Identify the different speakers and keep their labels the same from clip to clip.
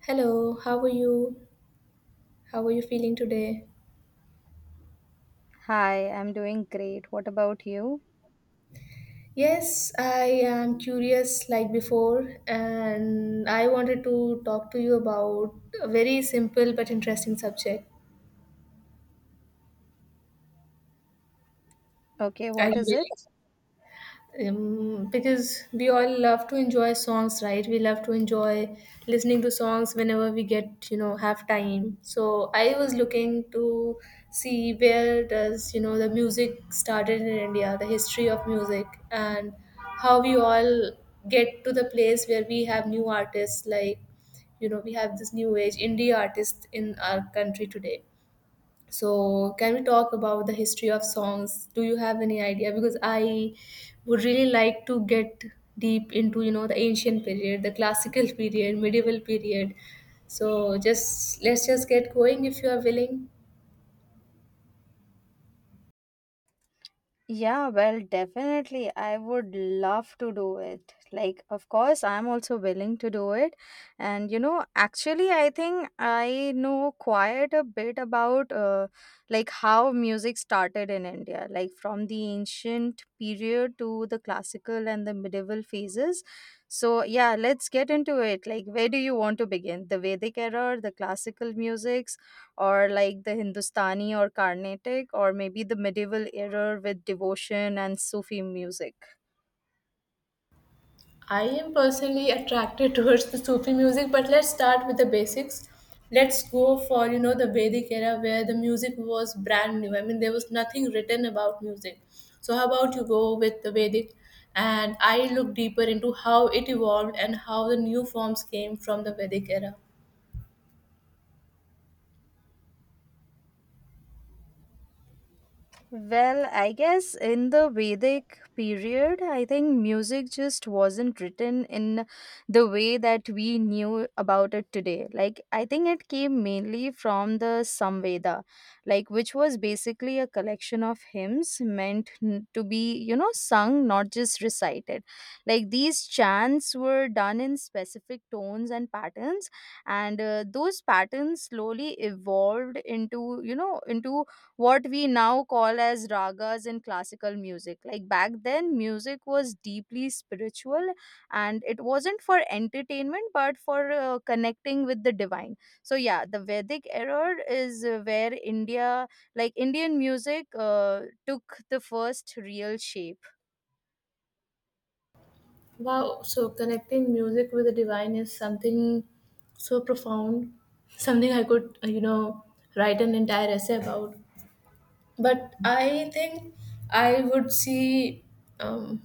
Speaker 1: Hello, how are you? How are you feeling today?
Speaker 2: Hi, I'm doing great. What about you?
Speaker 1: Yes, I am curious like before, and I wanted to talk to you about a very simple but interesting subject.
Speaker 2: Okay,
Speaker 1: Are
Speaker 2: what
Speaker 1: you
Speaker 2: is it?
Speaker 1: ready? Because we all love to enjoy songs, right? We love to enjoy listening to songs whenever we get, have time. So I was looking to see where does, the music started in India, the history of music, and how we all get to the place where we have new artists, like, we have this new age indie artists in our country today. So, can we talk about the history of songs? Do you have any idea? Because I would really like to get deep into, the ancient period, the classical period, medieval period. So, just let's just get going if you are willing.
Speaker 2: Yeah, well, definitely. I would love to do it. Like, of course, I'm also willing to do it. And, you know, actually, I think I know quite a bit about like how music started in India, like from the ancient period to the classical and the medieval phases. So, yeah, let's get into it. Like, where do you want to begin? The Vedic era, the classical music, or like the Hindustani or Carnatic, or maybe the medieval era with devotion and Sufi music.
Speaker 1: I am personally attracted towards the Sufi music, but let's start with the basics. Let's go for, the Vedic era where the music was brand new. I mean, there was nothing written about music. So how about you go with the Vedic, and I look deeper into how it evolved and how the new forms came from the Vedic era.
Speaker 2: Well, I guess in the Vedic period, I think music just wasn't written in the way that we knew about it today. Like, I think it came mainly from the Samveda, like, which was basically a collection of hymns meant to be, you know, sung, not just recited. Like, these chants were done in specific tones and patterns, and those patterns slowly evolved into, you know, into what we now call as ragas in classical music. Like back then, music was deeply spiritual and it wasn't for entertainment but for connecting with the divine. So, yeah, the Vedic era is where India, like Indian music, took the first real shape.
Speaker 1: Wow, so connecting music with the divine is something so profound, something I could, write an entire essay about. But I think I would see. Um,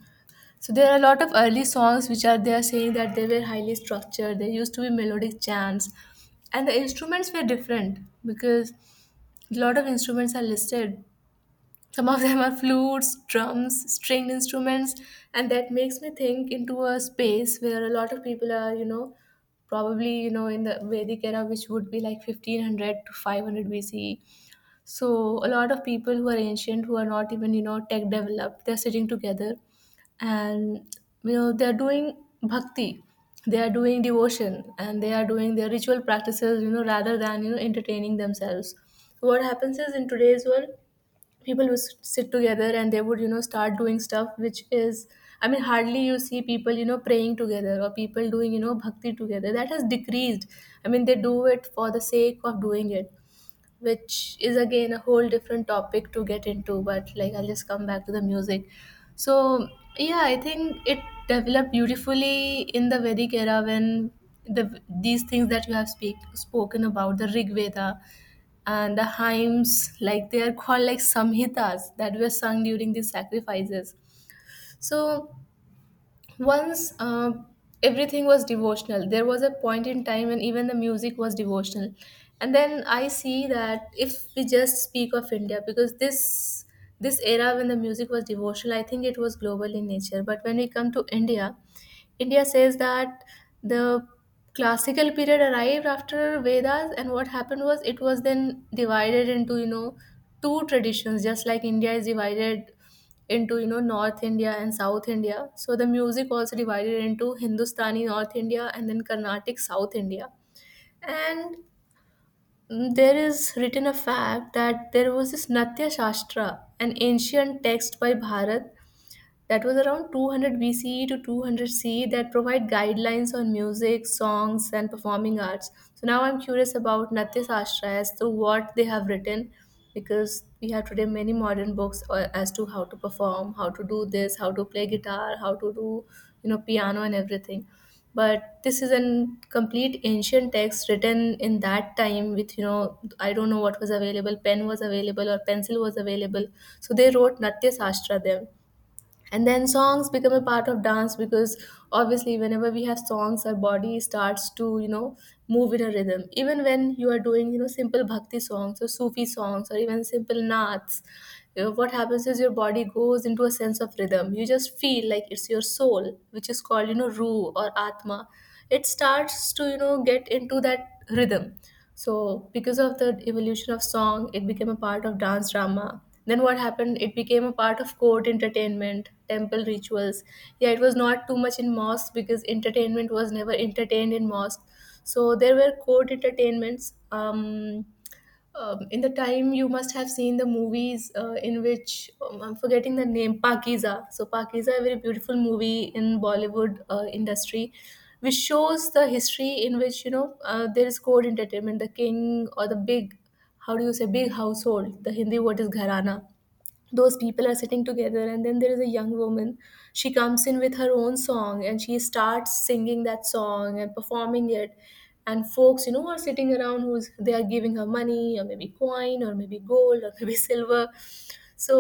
Speaker 1: So there are a lot of early songs which are they are saying that they were highly structured. There used to be melodic chants, and the instruments were different because a lot of instruments are listed. Some of them are flutes, drums, string instruments, and that makes me think into a space where a lot of people are, probably in the Vedic era, which would be like 1500 to 500 B.C. So a lot of people who are ancient, who are not even tech developed, they're sitting together, and they're doing bhakti, they are doing devotion, and they are doing their ritual practices, rather than entertaining themselves. What happens is in today's world, people would sit together and they would, start doing stuff which is, I mean, hardly you see people, praying together, or people doing, bhakti together. That has decreased. I mean they do it for the sake of doing it, which is again a whole different topic to get into, but like I'll just come back to the music. So yeah, I think it developed beautifully in the Vedic era, when these things that you have spoken about, the Rig Veda and the hymns, like they are called like samhitas, that were sung during these sacrifices. So once, everything was devotional. There was a point in time when even the music was devotional. And then I see that if we just speak of India, because this era when the music was devotional, I think it was global in nature. But when we come to India, India says that the classical period arrived after Vedas, and what happened was, it was then divided into, two traditions, just like India is divided into, North India and South India. So the music also divided into Hindustani, North India, and then Carnatic, South India. And there is written a fact that there was this Natya Shastra, an ancient text by Bharat, that was around 200 BCE to 200 CE, that provide guidelines on music, songs, and performing arts. So now I'm curious about Natya Shastra as to what they have written, because we have today many modern books, as to how to perform, how to do this, how to play guitar, how to do, piano and everything. But this is a complete ancient text written in that time with, I don't know what was available, pen was available or pencil was available. So they wrote Natya Shastra then, and then songs become a part of dance, because obviously whenever we have songs our body starts to, move in a rhythm, even when you are doing, simple bhakti songs or Sufi songs or even simple naats, what happens is your body goes into a sense of rhythm. You just feel like it's your soul, which is called, Ru or Atma. It starts to, get into that rhythm. So, because of the evolution of song, it became a part of dance drama. Then, what happened? It became a part of court entertainment, temple rituals. Yeah, it was not too much in mosque, because entertainment was never entertained in mosque. So, there were court entertainments. In the time, you must have seen the movies, in which, I'm forgetting the name, Pakiza. So Pakiza, a very beautiful movie in Bollywood industry, which shows the history in which, there is court entertainment, the king, or the big, how do you say, big household. The Hindi word is gharana. Those people are sitting together, and then there is a young woman. She comes in with her own song, and she starts singing that song and performing it, and folks, are sitting around who's they are giving her money, or maybe coin, or maybe gold, or maybe silver. So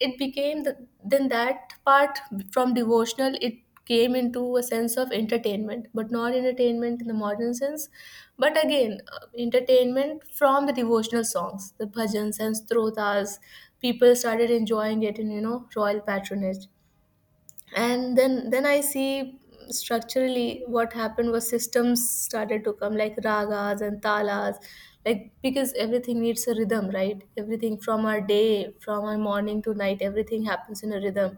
Speaker 1: it became the, then that part, from devotional it came into a sense of entertainment, but not entertainment in the modern sense, but again, entertainment from the devotional songs, the bhajans and strotas. People started enjoying it in, royal patronage. And then I see, structurally, what happened was, systems started to come, like ragas and talas, like, because everything needs a rhythm, right? Everything, from our day, from our morning to night, everything happens in a rhythm.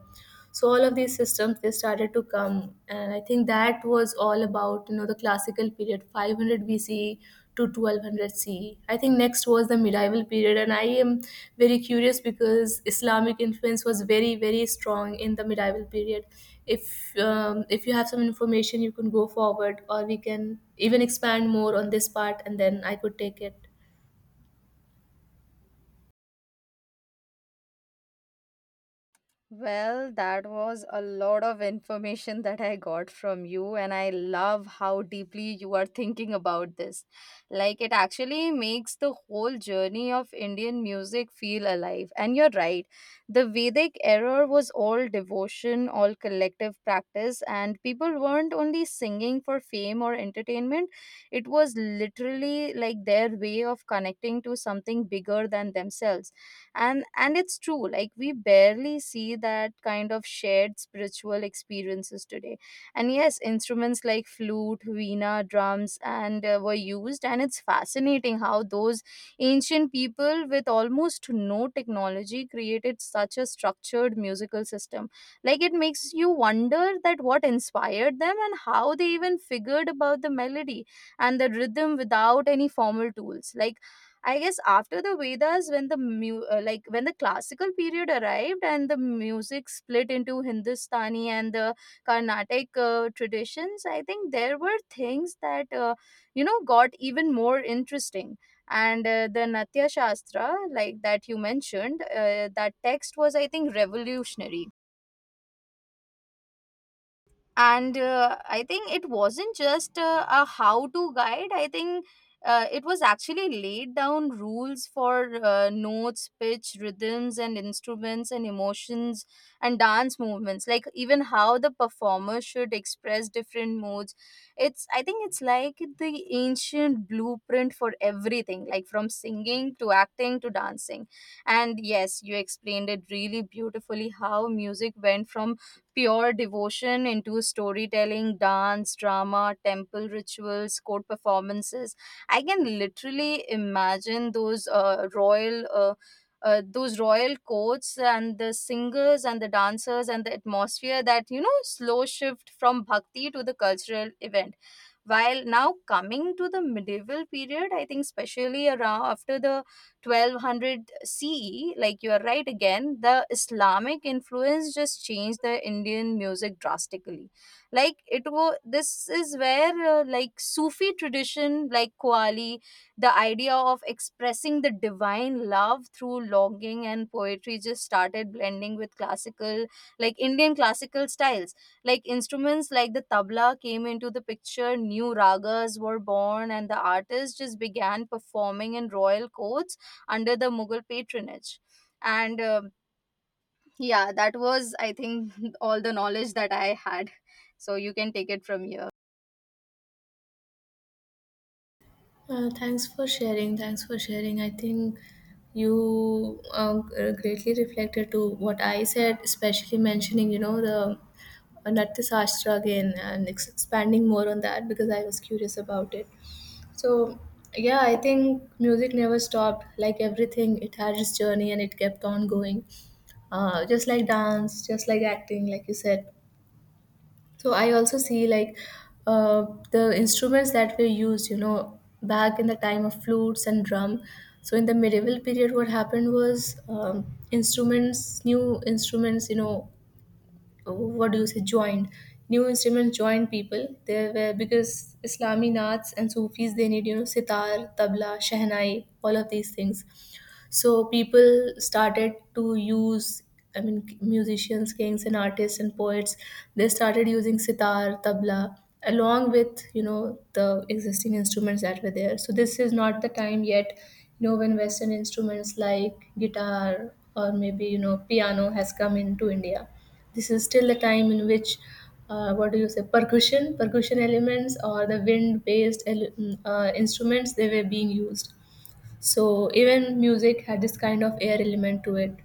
Speaker 1: So all of these systems, they started to come. And I think that was all about, the classical period, 500 B C to 1200 C E. I think next was the medieval period, and I am very curious because Islamic influence was very, very strong in the medieval period. If if you have some information, you can go forward, or we can even expand more on this part, and then I could take it.
Speaker 2: Well, that was a lot of information that I got from you, and I love how deeply you are thinking about this. Like, it actually makes the whole journey of Indian music feel alive. And you're right, the Vedic era was all devotion, all collective practice, and people weren't only singing for fame or entertainment. It was literally like their way of connecting to something bigger than themselves. And it's true, like we barely see that kind of shared spiritual experiences today. And yes, instruments like flute, veena, drums, and were used, and it's fascinating how those ancient people with almost no technology created such a structured musical system. Like it makes you wonder that what inspired them and how they even figured about the melody and the rhythm without any formal tools. Like I guess after the Vedas, when the like when the classical period arrived and the music split into Hindustani and the Carnatic traditions, I think there were things that you know got even more interesting. And the Natya Shastra, like that you mentioned, that text was, I think, revolutionary. And I think it wasn't just a how to guide. I think it was actually laid down rules for notes, pitch, rhythms, and instruments and emotions and dance movements, like even how the performer should express different moods. It's i think it's like the ancient blueprint for everything, like from singing to acting to dancing. And yes, you explained it really beautifully how music went from pure devotion into storytelling, dance, drama, temple rituals, court performances. I can literally imagine those royal courts and the singers and the dancers and the atmosphere, that you know slow shift from bhakti to the cultural event, while now coming to the medieval period. I think especially around after the 1200 CE, like you are right again, the Islamic influence just changed the Indian music drastically. Like this is where like Sufi tradition, like Qawwali, the idea of expressing the divine love through longing and poetry just started blending with classical, like Indian classical styles. Like instruments like the tabla came into the picture, new ragas were born, and the artists just began performing in royal courts under the Mughal patronage. And yeah, that was, I think, all the knowledge that I had. So you can take it from here.
Speaker 1: Thanks for sharing. Thanks for sharing. I think you, greatly reflected to what I said, especially mentioning, the, Natya Shastra again, and expanding more on that because I was curious about it. So, yeah, I think music never stopped. Like everything, it had its journey and it kept on going. Just like dance, just like acting, like you said. So I also see, like, the instruments that were used, back in the time of flutes and drum. So in the medieval period, what happened was, instruments, new instruments, what do you say, joined. New instruments joined people. They were, because Islami naats and Sufis, they need, sitar, tabla, shehnai, all of these things. So people started to use, I mean, musicians, kings and artists and poets, they started using sitar, tabla, along with, the existing instruments that were there. So this is not the time yet, when western instruments like guitar or maybe, piano has come into India. This is still the time in which, what do you say, percussion elements, or the wind based, instruments, they were being used. So even music had this kind of air element to it.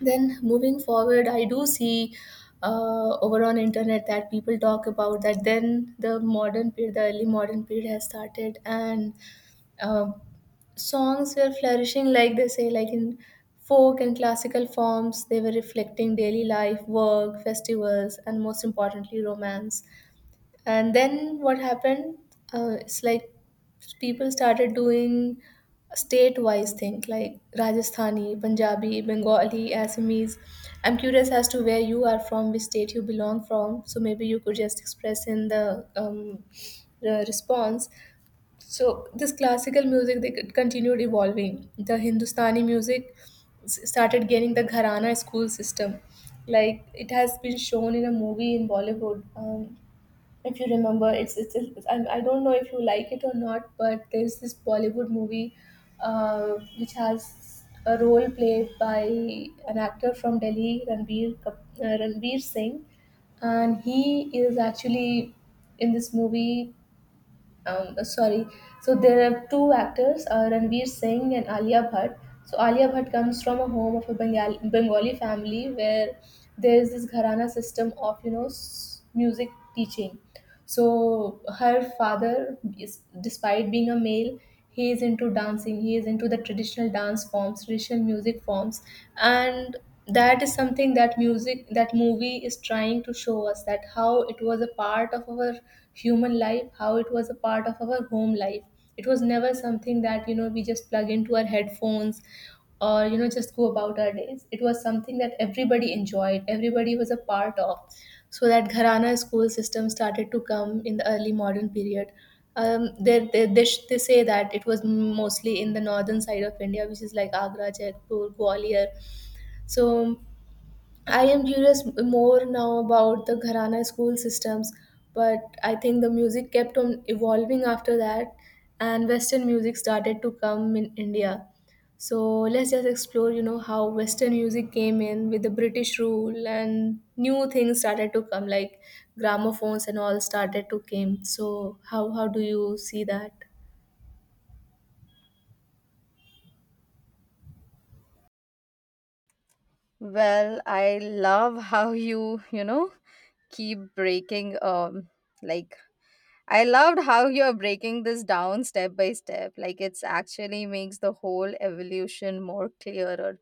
Speaker 1: Then moving forward, I do see, over on internet, that people talk about that. Then the modern period, the early modern period, has started, and, uh, songs were flourishing. Like they say, like in folk and classical forms, they were reflecting daily life, work, festivals, and most importantly, romance. And then what happened? It's like, people started doing state-wise thing, like Rajasthani, Punjabi, Bengali, Assamese. I'm curious as to where you are from, which state you belong from. So maybe you could just express in the response. So this classical music, they continued evolving. The Hindustani music started gaining the Gharana school system. Like it has been shown in a movie in Bollywood. If you remember, it's I don't know if you like it or not, but there's this Bollywood movie, which has a role played by an actor from Delhi, Ranbir Singh, and he is actually in this movie. Sorry, so there are two actors, Ranbir Singh and Alia Bhatt. So Alia Bhatt comes from a home of a Bengali family where there is this gharana system of music teaching. So her father, is despite being a male, he is into dancing, he is into the traditional dance forms, traditional music forms. And that is something that music, that movie is trying to show us, that how it was a part of our human life, how it was a part of our home life. It was never something that, you know, we just plug into our headphones or, you know, just go about our days. It was something that everybody enjoyed, everybody was a part of. So that Gharana school system started to come in the early modern period. They they say that it was mostly in the northern side of India, which is like Agra, Jaipur, Gwalior. So I am curious more now about the Gharana school systems, but I think the music kept on evolving after that, and Western music started to come in India. So let's just explore, you know, how Western music came in with the British rule and new things started to come, like gramophones and all started to came. So how do you see that?
Speaker 2: Well, I love how you, keep breaking like I loved how you're breaking this down step by step. Like it's actually makes the whole evolution more clearer.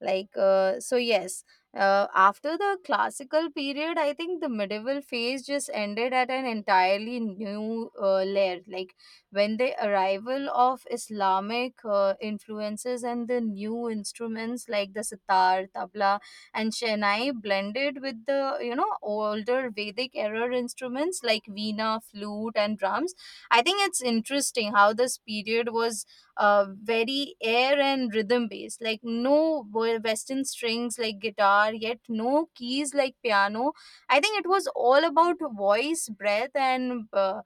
Speaker 2: Like so, yes. After the classical period, I think the medieval phase just ended at an entirely new layer. Like when the arrival of Islamic influences and the new instruments like the sitar, tabla, and Chennai blended with the older Vedic era instruments like veena, flute, and drums. I think it's interesting how this period was very air and rhythm based, like no Western strings like guitar, yet no keys like piano. I think it was all about voice, breath, and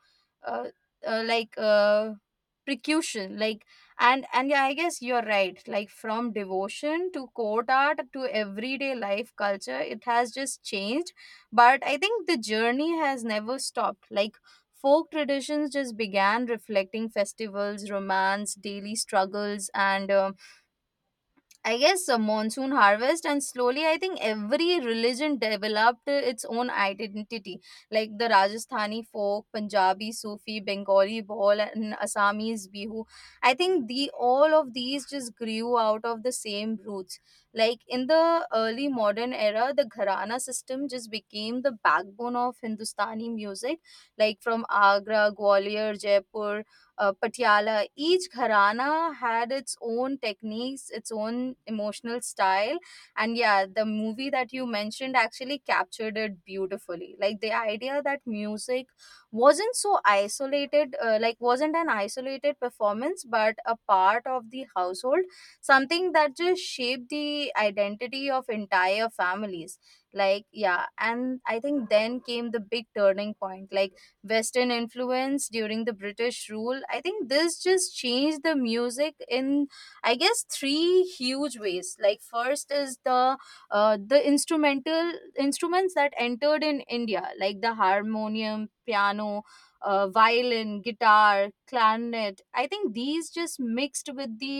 Speaker 2: uh, uh, like uh, percussion, like. And yeah, I guess you're right, like from devotion to court art to everyday life culture, it has just changed. But I think the journey has never stopped, like folk traditions just began reflecting festivals, romance, daily struggles, and I guess a monsoon harvest. And slowly, I think every religion developed its own identity, like the Rajasthani folk, Punjabi Sufi, Bengali Ball, and Assamese Bihu. I think the all of these just grew out of the same roots. Like in the early modern era, the Gharana system just became the backbone of Hindustani music, like from Agra, Gwalior, Jaipur, Patiala. Each gharana had its own techniques, its own emotional style, and yeah, the movie that you mentioned actually captured it beautifully. Like the idea that music wasn't an isolated performance, but a part of the household, something that just shaped the identity of entire families. Like yeah, and I think then came the big turning point, like Western influence during the British rule. I think this just changed the music in, I guess, three huge ways. Like first is the instrumental instruments that entered in India, like the harmonium, piano, violin, guitar, clarinet. I think these just mixed with the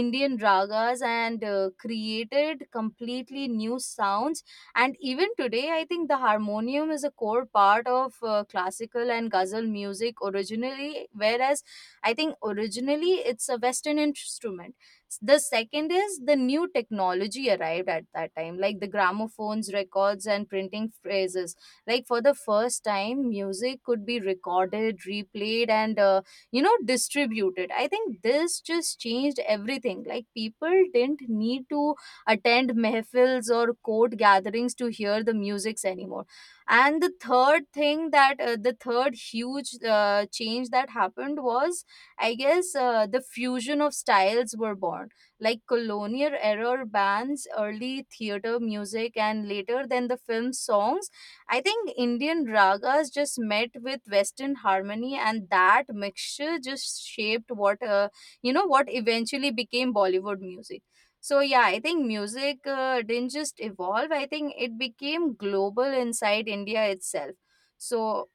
Speaker 2: Indian ragas and created completely new sounds. And even today, I think the harmonium is a core part of classical and ghazal music originally, whereas I think originally it's a Western instrument. The second is the new technology arrived at that time, like the gramophones, records, and printing phrases. Like for the first time, music could be recorded, replayed, and distributed. I think this just changed everything. Like people didn't need to attend mehfils or court gatherings to hear the musics anymore. And the third thing that the third huge change that happened was, I guess, the fusion of styles were born, like colonial era bands, early theater music, and later then the film songs. I think Indian ragas just met with Western harmony, and that mixture just shaped what you know what eventually became Bollywood music. So yeah, I think music didn't just evolve. I think it became global inside India itself. So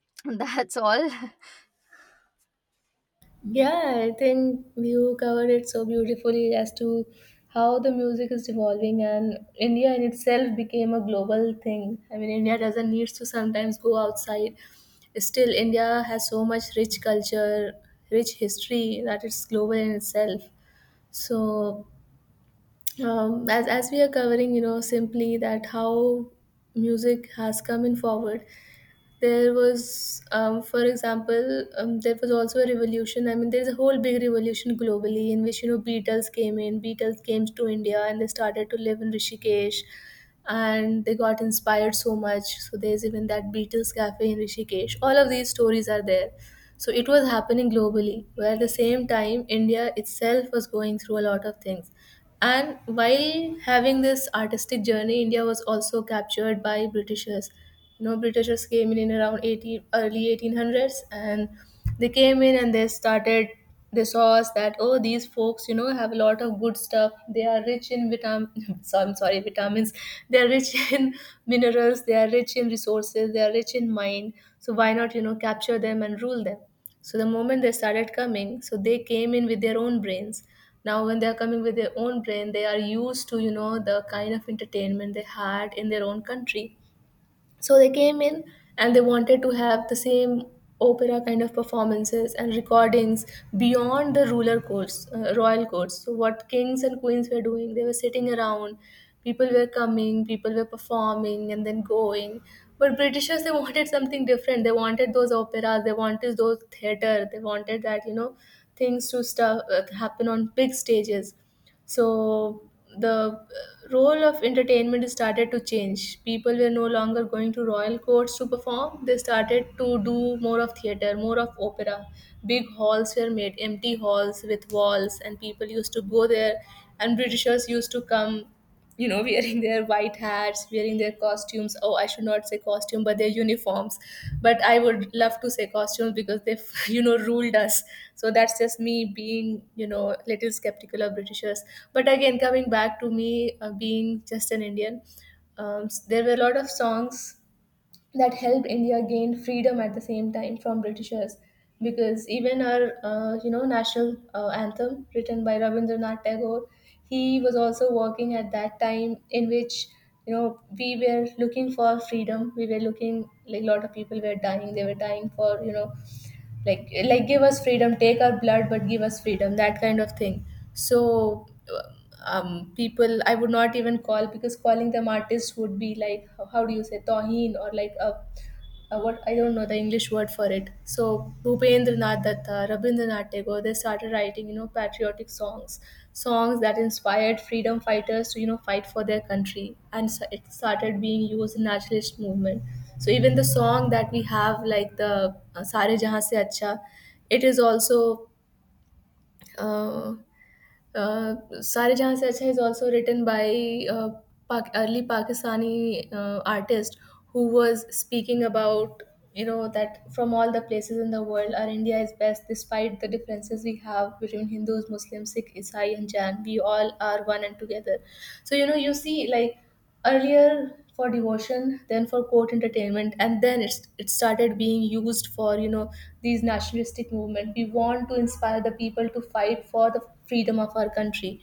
Speaker 2: that's all.
Speaker 1: Yeah, I think you covered it so beautifully as to how the music is evolving and India in itself became a global thing. I mean, India doesn't need to sometimes go outside. Still, India has so much rich culture, rich history that it's global in itself. So, as we are covering, you know, simply that how music has come in forward, there was, for example, there was also a revolution. I mean, there's a whole big revolution globally in which, you know, Beatles came in, Beatles came to India and they started to live in Rishikesh, and they got inspired so much. So there's even that Beatles cafe in Rishikesh. All of these stories are there. So it was happening globally, where at the same time, India itself was going through a lot of things. And while having this artistic journey, India was also captured by Britishers. You know, Britishers came in around 18, early 1800s, and they came in and they saw us that, oh, these folks, you know, have a lot of good stuff. They are rich in vitamin, so I'm sorry, vitamins. They are rich in minerals. They are rich in resources. They are rich in mind. So why not, you know, capture them and rule them? So the moment they started coming, so they came in with their own brains. Now when they are coming with their own brain, they are used to, you know, the kind of entertainment they had in their own country. So they came in and they wanted to have the same opera kind of performances and recordings beyond the ruler courts, royal courts. So what kings and queens were doing, they were sitting around, people were coming, people were performing and then going. But Britishers, they wanted something different. They wanted those operas, they wanted those theater, they wanted that, you know, things to stuff, happen on big stages. So the role of entertainment started to change. People were no longer going to royal courts to perform. They started to do more of theater, more of opera. Big halls were made, empty halls with walls, and people used to go there. And Britishers used to come, you know, wearing their white hats, wearing their costumes. Oh, I should not say costume, but their uniforms, but I would love to say costumes because they you know ruled us. So that's just me being, you know, little skeptical of Britishers, but again coming back to me being just an Indian. There were a lot of songs that helped India gain freedom at the same time from Britishers. Because even our, you know, national anthem written by Rabindranath Tagore, he was also working at that time in which, you know, we were looking for freedom. We were looking like a lot of people were dying. They were dying for, you know, like give us freedom, take our blood, but give us freedom. That kind of thing. So. People I would not even call, because calling them artists would be like how do you say toheen or like a what, I don't know the English word for it. So Bhupendranath Datta, Rabindranath Tagore, they started writing, you know, patriotic songs, songs that inspired freedom fighters to, you know, fight for their country, and so it started being used in nationalist movement. So even the song that we have, like the Sare Jahan Se Acha, it is also uh, "Saare Jahan Se Acha" is also written by early Pakistani artist who was speaking about, you know, that from all the places in the world, our India is best despite the differences we have between Hindus, Muslims, Sikh, Isai, and Jain. We all are one and together. So you know you see like earlier for devotion, then for court entertainment, and then it's, it started being used for, you know, these nationalistic movement. We want to inspire the people to fight for the freedom of our country.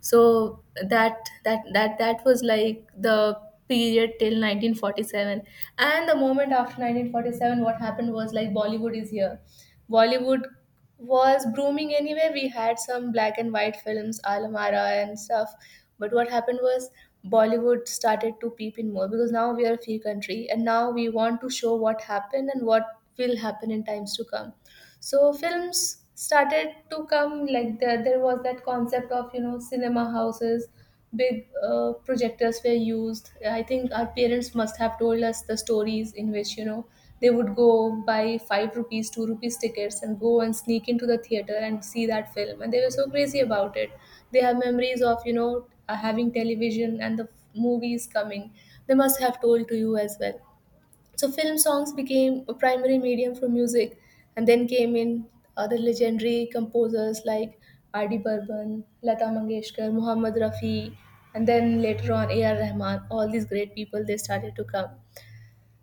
Speaker 1: So that was like the period till 1947. And the moment after 1947, what happened was like Bollywood is here. Bollywood was booming anyway. We had some black and white films, Alamara and stuff. But what happened was Bollywood started to peep in more because now we are a free country and now we want to show what happened and what will happen in times to come. So films started to come like there was that concept of, you know, cinema houses, big projectors were used. I think our parents must have told us the stories in which, you know, they would go buy five rupees, two rupees tickets and go and sneak into the theater and see that film, and they were so crazy about it. They have memories of, you know, having television and the movies coming. They must have told to you as well. So film songs became a primary medium for music, and then came in other legendary composers like R.D. Burban, Lata Mangeshkar, Muhammad Rafi, and then later on A.R. Rahman. All these great people, they started to come.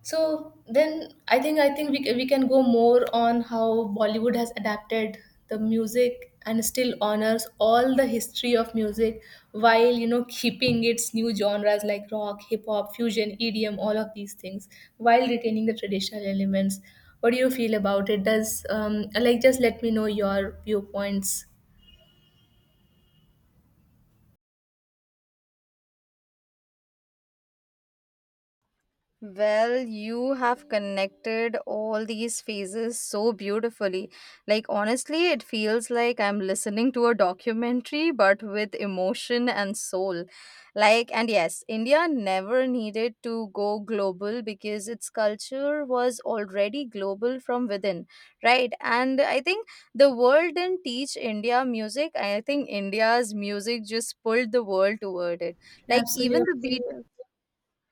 Speaker 1: So then I think we can go more on how Bollywood has adapted the music and still honors all the history of music while, you know, keeping its new genres like rock, hip hop, fusion, EDM, all of these things, while retaining the traditional elements. What do you feel about it? Does like just let me know your viewpoints.
Speaker 2: Well, you have connected all these phases so beautifully. Like, honestly, it feels like I'm listening to a documentary, but with emotion and soul. Like, and yes, India never needed to go global because its culture was already global from within, right? And I think the world didn't teach India music. I think India's music just pulled the world toward it. Like, even the
Speaker 1: Absolutely.
Speaker 2: beat. Yes.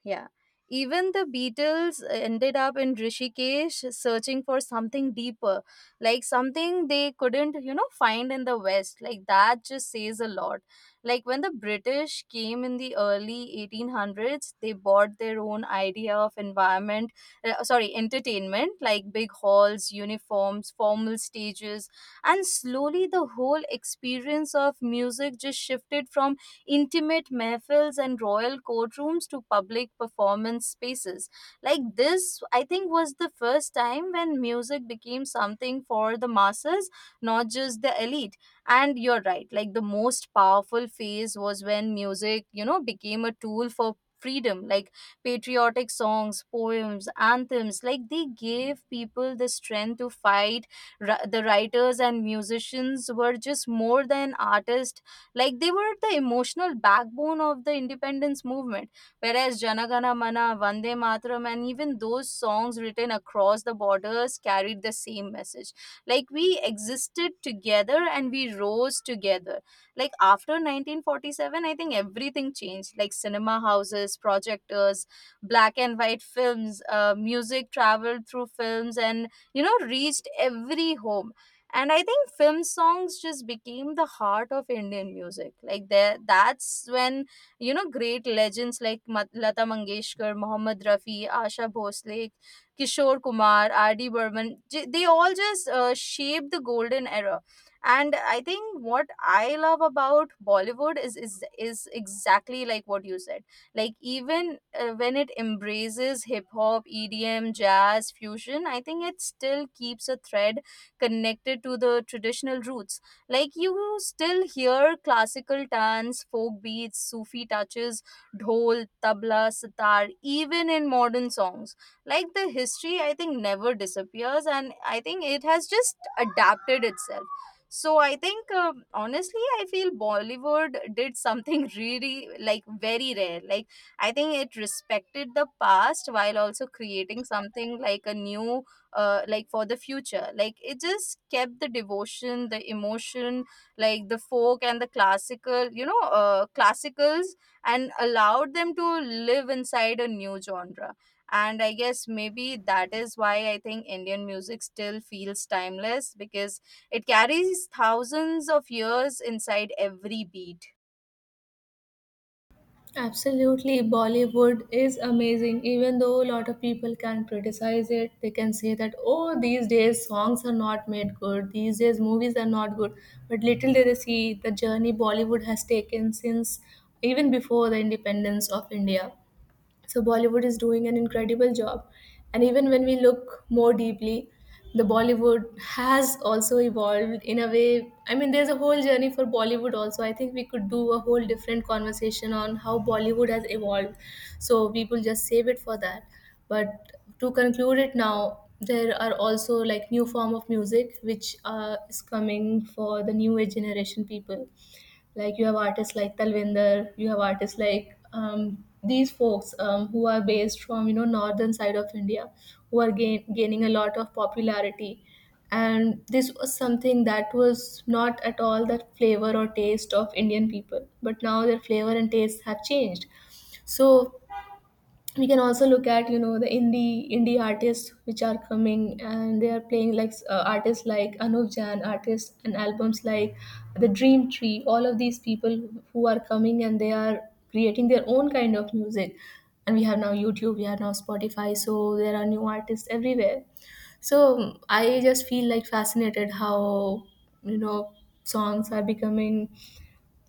Speaker 2: Yeah. Even the Beatles ended up in Rishikesh searching for something deeper, like something they couldn't, find in the West. Like that just says a lot. Like when the British came in the early 1800s, they bought their own idea of entertainment, like big halls, uniforms, formal stages. And slowly the whole experience of music just shifted from intimate mehfils and royal courtrooms to public performance spaces. Like this, I think, was the first time when music became something for the masses, not just the elite. And you're right, like the most powerful phase was when music, you know, became a tool for freedom, like patriotic songs, poems, anthems. Like they gave people the strength to fight. The writers and musicians were just more than artists, like they were the emotional backbone of the independence movement. Whereas Janagana Mana, Vande Mataram, and even those songs written across the borders carried the same message, like we existed together and we rose together. Like after 1947, I think everything changed. Like cinema houses, projectors, black and white films, music traveled through films and you know reached every home. And I think film songs just became the heart of Indian music. Like there that's when, you know, great legends like Lata Mangeshkar, Mohammad Rafi, Asha Bhosle, Kishore Kumar, RD Burman, they all just shaped the golden era. And I think what I love about Bollywood is exactly like what you said. Like even when it embraces hip hop, EDM, jazz fusion, I think it still keeps a thread connected to the traditional roots. Like you still hear classical tans, folk beats, Sufi touches, dhol, tabla, sitar, even in modern songs. Like the history, I think, never disappears, and I think it has just adapted itself. So I think, honestly, I feel Bollywood did something really, like, very rare. Like, I think it respected the past while also creating something like a new like for the future, like it just kept the devotion, the emotion, like the folk and the classical, classicals, and allowed them to live inside a new genre. And I guess maybe that is why I think Indian music still feels timeless, because it carries thousands of years inside every beat.
Speaker 1: Absolutely, Bollywood is amazing. Even though a lot of people can criticize it, they can say that, oh, these days songs are not made good, these days movies are not good. But little did they see the journey Bollywood has taken since even before the independence of India. So Bollywood is doing an incredible job. And even when we look more deeply, the Bollywood has also evolved in a way. I mean, there's a whole journey for Bollywood also. I think we could do a whole different conversation on how Bollywood has evolved. So we will just save it for that. But to conclude it now, there are also like new form of music which is coming for the new age generation people. Like you have artists like Talvinder, you have artists like these folks, who are based from, you know, northern side of India, who are gaining a lot of popularity. And this was something that was not at all the flavor or taste of Indian people, but now their flavor and taste have changed. So we can also look at, you know, the indie artists which are coming and they are playing, like artists like Anup Jain, artists and albums like The Dream Tree, all of these people who are coming and they are creating their own kind of music. And we have now YouTube, we have now Spotify, so there are new artists everywhere. So I just feel like fascinated how, you know, songs are becoming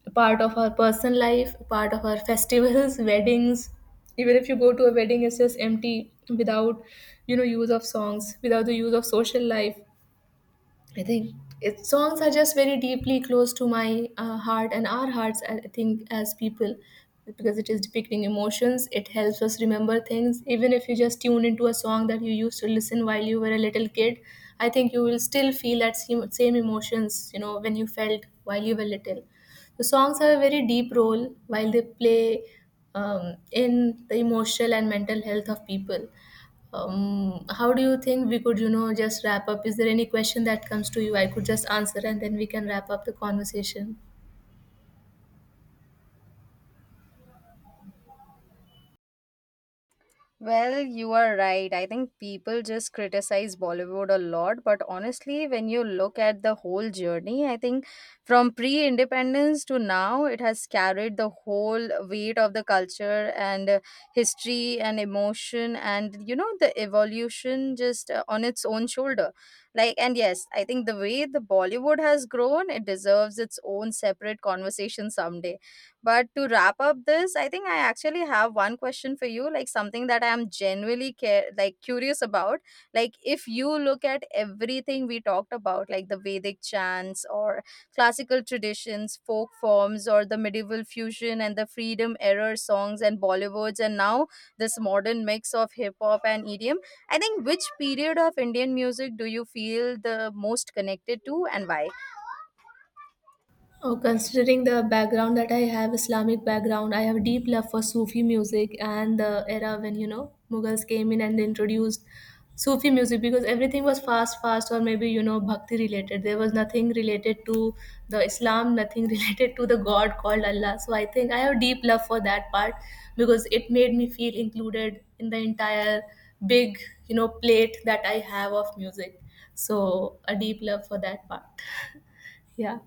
Speaker 1: a part of our personal life, a part of our festivals, weddings. Even if you go to a wedding, it's just empty without, you know, use of songs, without the use of social life. I think its songs are just very deeply close to my heart and our hearts. I think as people, because it is depicting emotions, it helps us remember things. Even if you just tune into a song that you used to listen while you were a little kid, I think you will still feel that same emotions. You know, when you felt while you were little. The songs have a very deep role while they play in the emotional and mental health of people. How do you think we could, you know, just wrap up? Is there any question that comes to you? I could just answer and then we can wrap up the conversation.
Speaker 2: Well, you are right. I think people just criticize Bollywood a lot, but honestly, when you look at the whole journey, I think from pre independence to now, it has carried the whole weight of the culture and history and emotion and, you know, the evolution just on its own shoulder. Like, and yes, I think the way the Bollywood has grown, it deserves its own separate conversation someday. But to wrap up this, I think I actually have one question for you, like something that I am genuinely care like curious about. Like if you look at everything we talked about, like the Vedic chants or classical traditions, folk forms, or the medieval fusion and the freedom era songs and Bollywoods, and now this modern mix of hip hop and EDM. I think which period of Indian music do you feel the most connected to and why?
Speaker 1: Oh, considering the background that I have, Islamic background, I have deep love for Sufi music and the era when, you know, Mughals came in and introduced Sufi music, because everything was fast, fast, or maybe, you know, bhakti related. There was nothing related to the Islam, nothing related to the God called Allah. So I think I have deep love for that part because it made me feel included in the entire big, you know, plate that I have of music. So a deep love for that part. Yeah.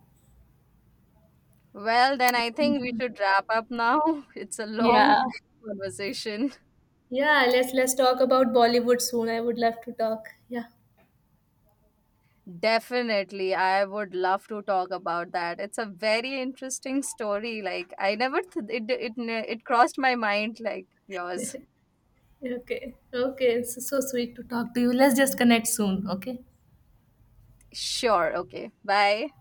Speaker 2: Well, then I think we should wrap up now. It's a long
Speaker 1: Yeah.
Speaker 2: conversation.
Speaker 1: Yeah, let's talk about Bollywood soon. I would love to talk. Yeah.
Speaker 2: Definitely. I would love to talk about that. It's a very interesting story. Like I never it crossed my mind like yours.
Speaker 1: Okay. Okay. It's so sweet to talk to you. Let's just connect soon, okay?
Speaker 2: Sure. Okay. Bye.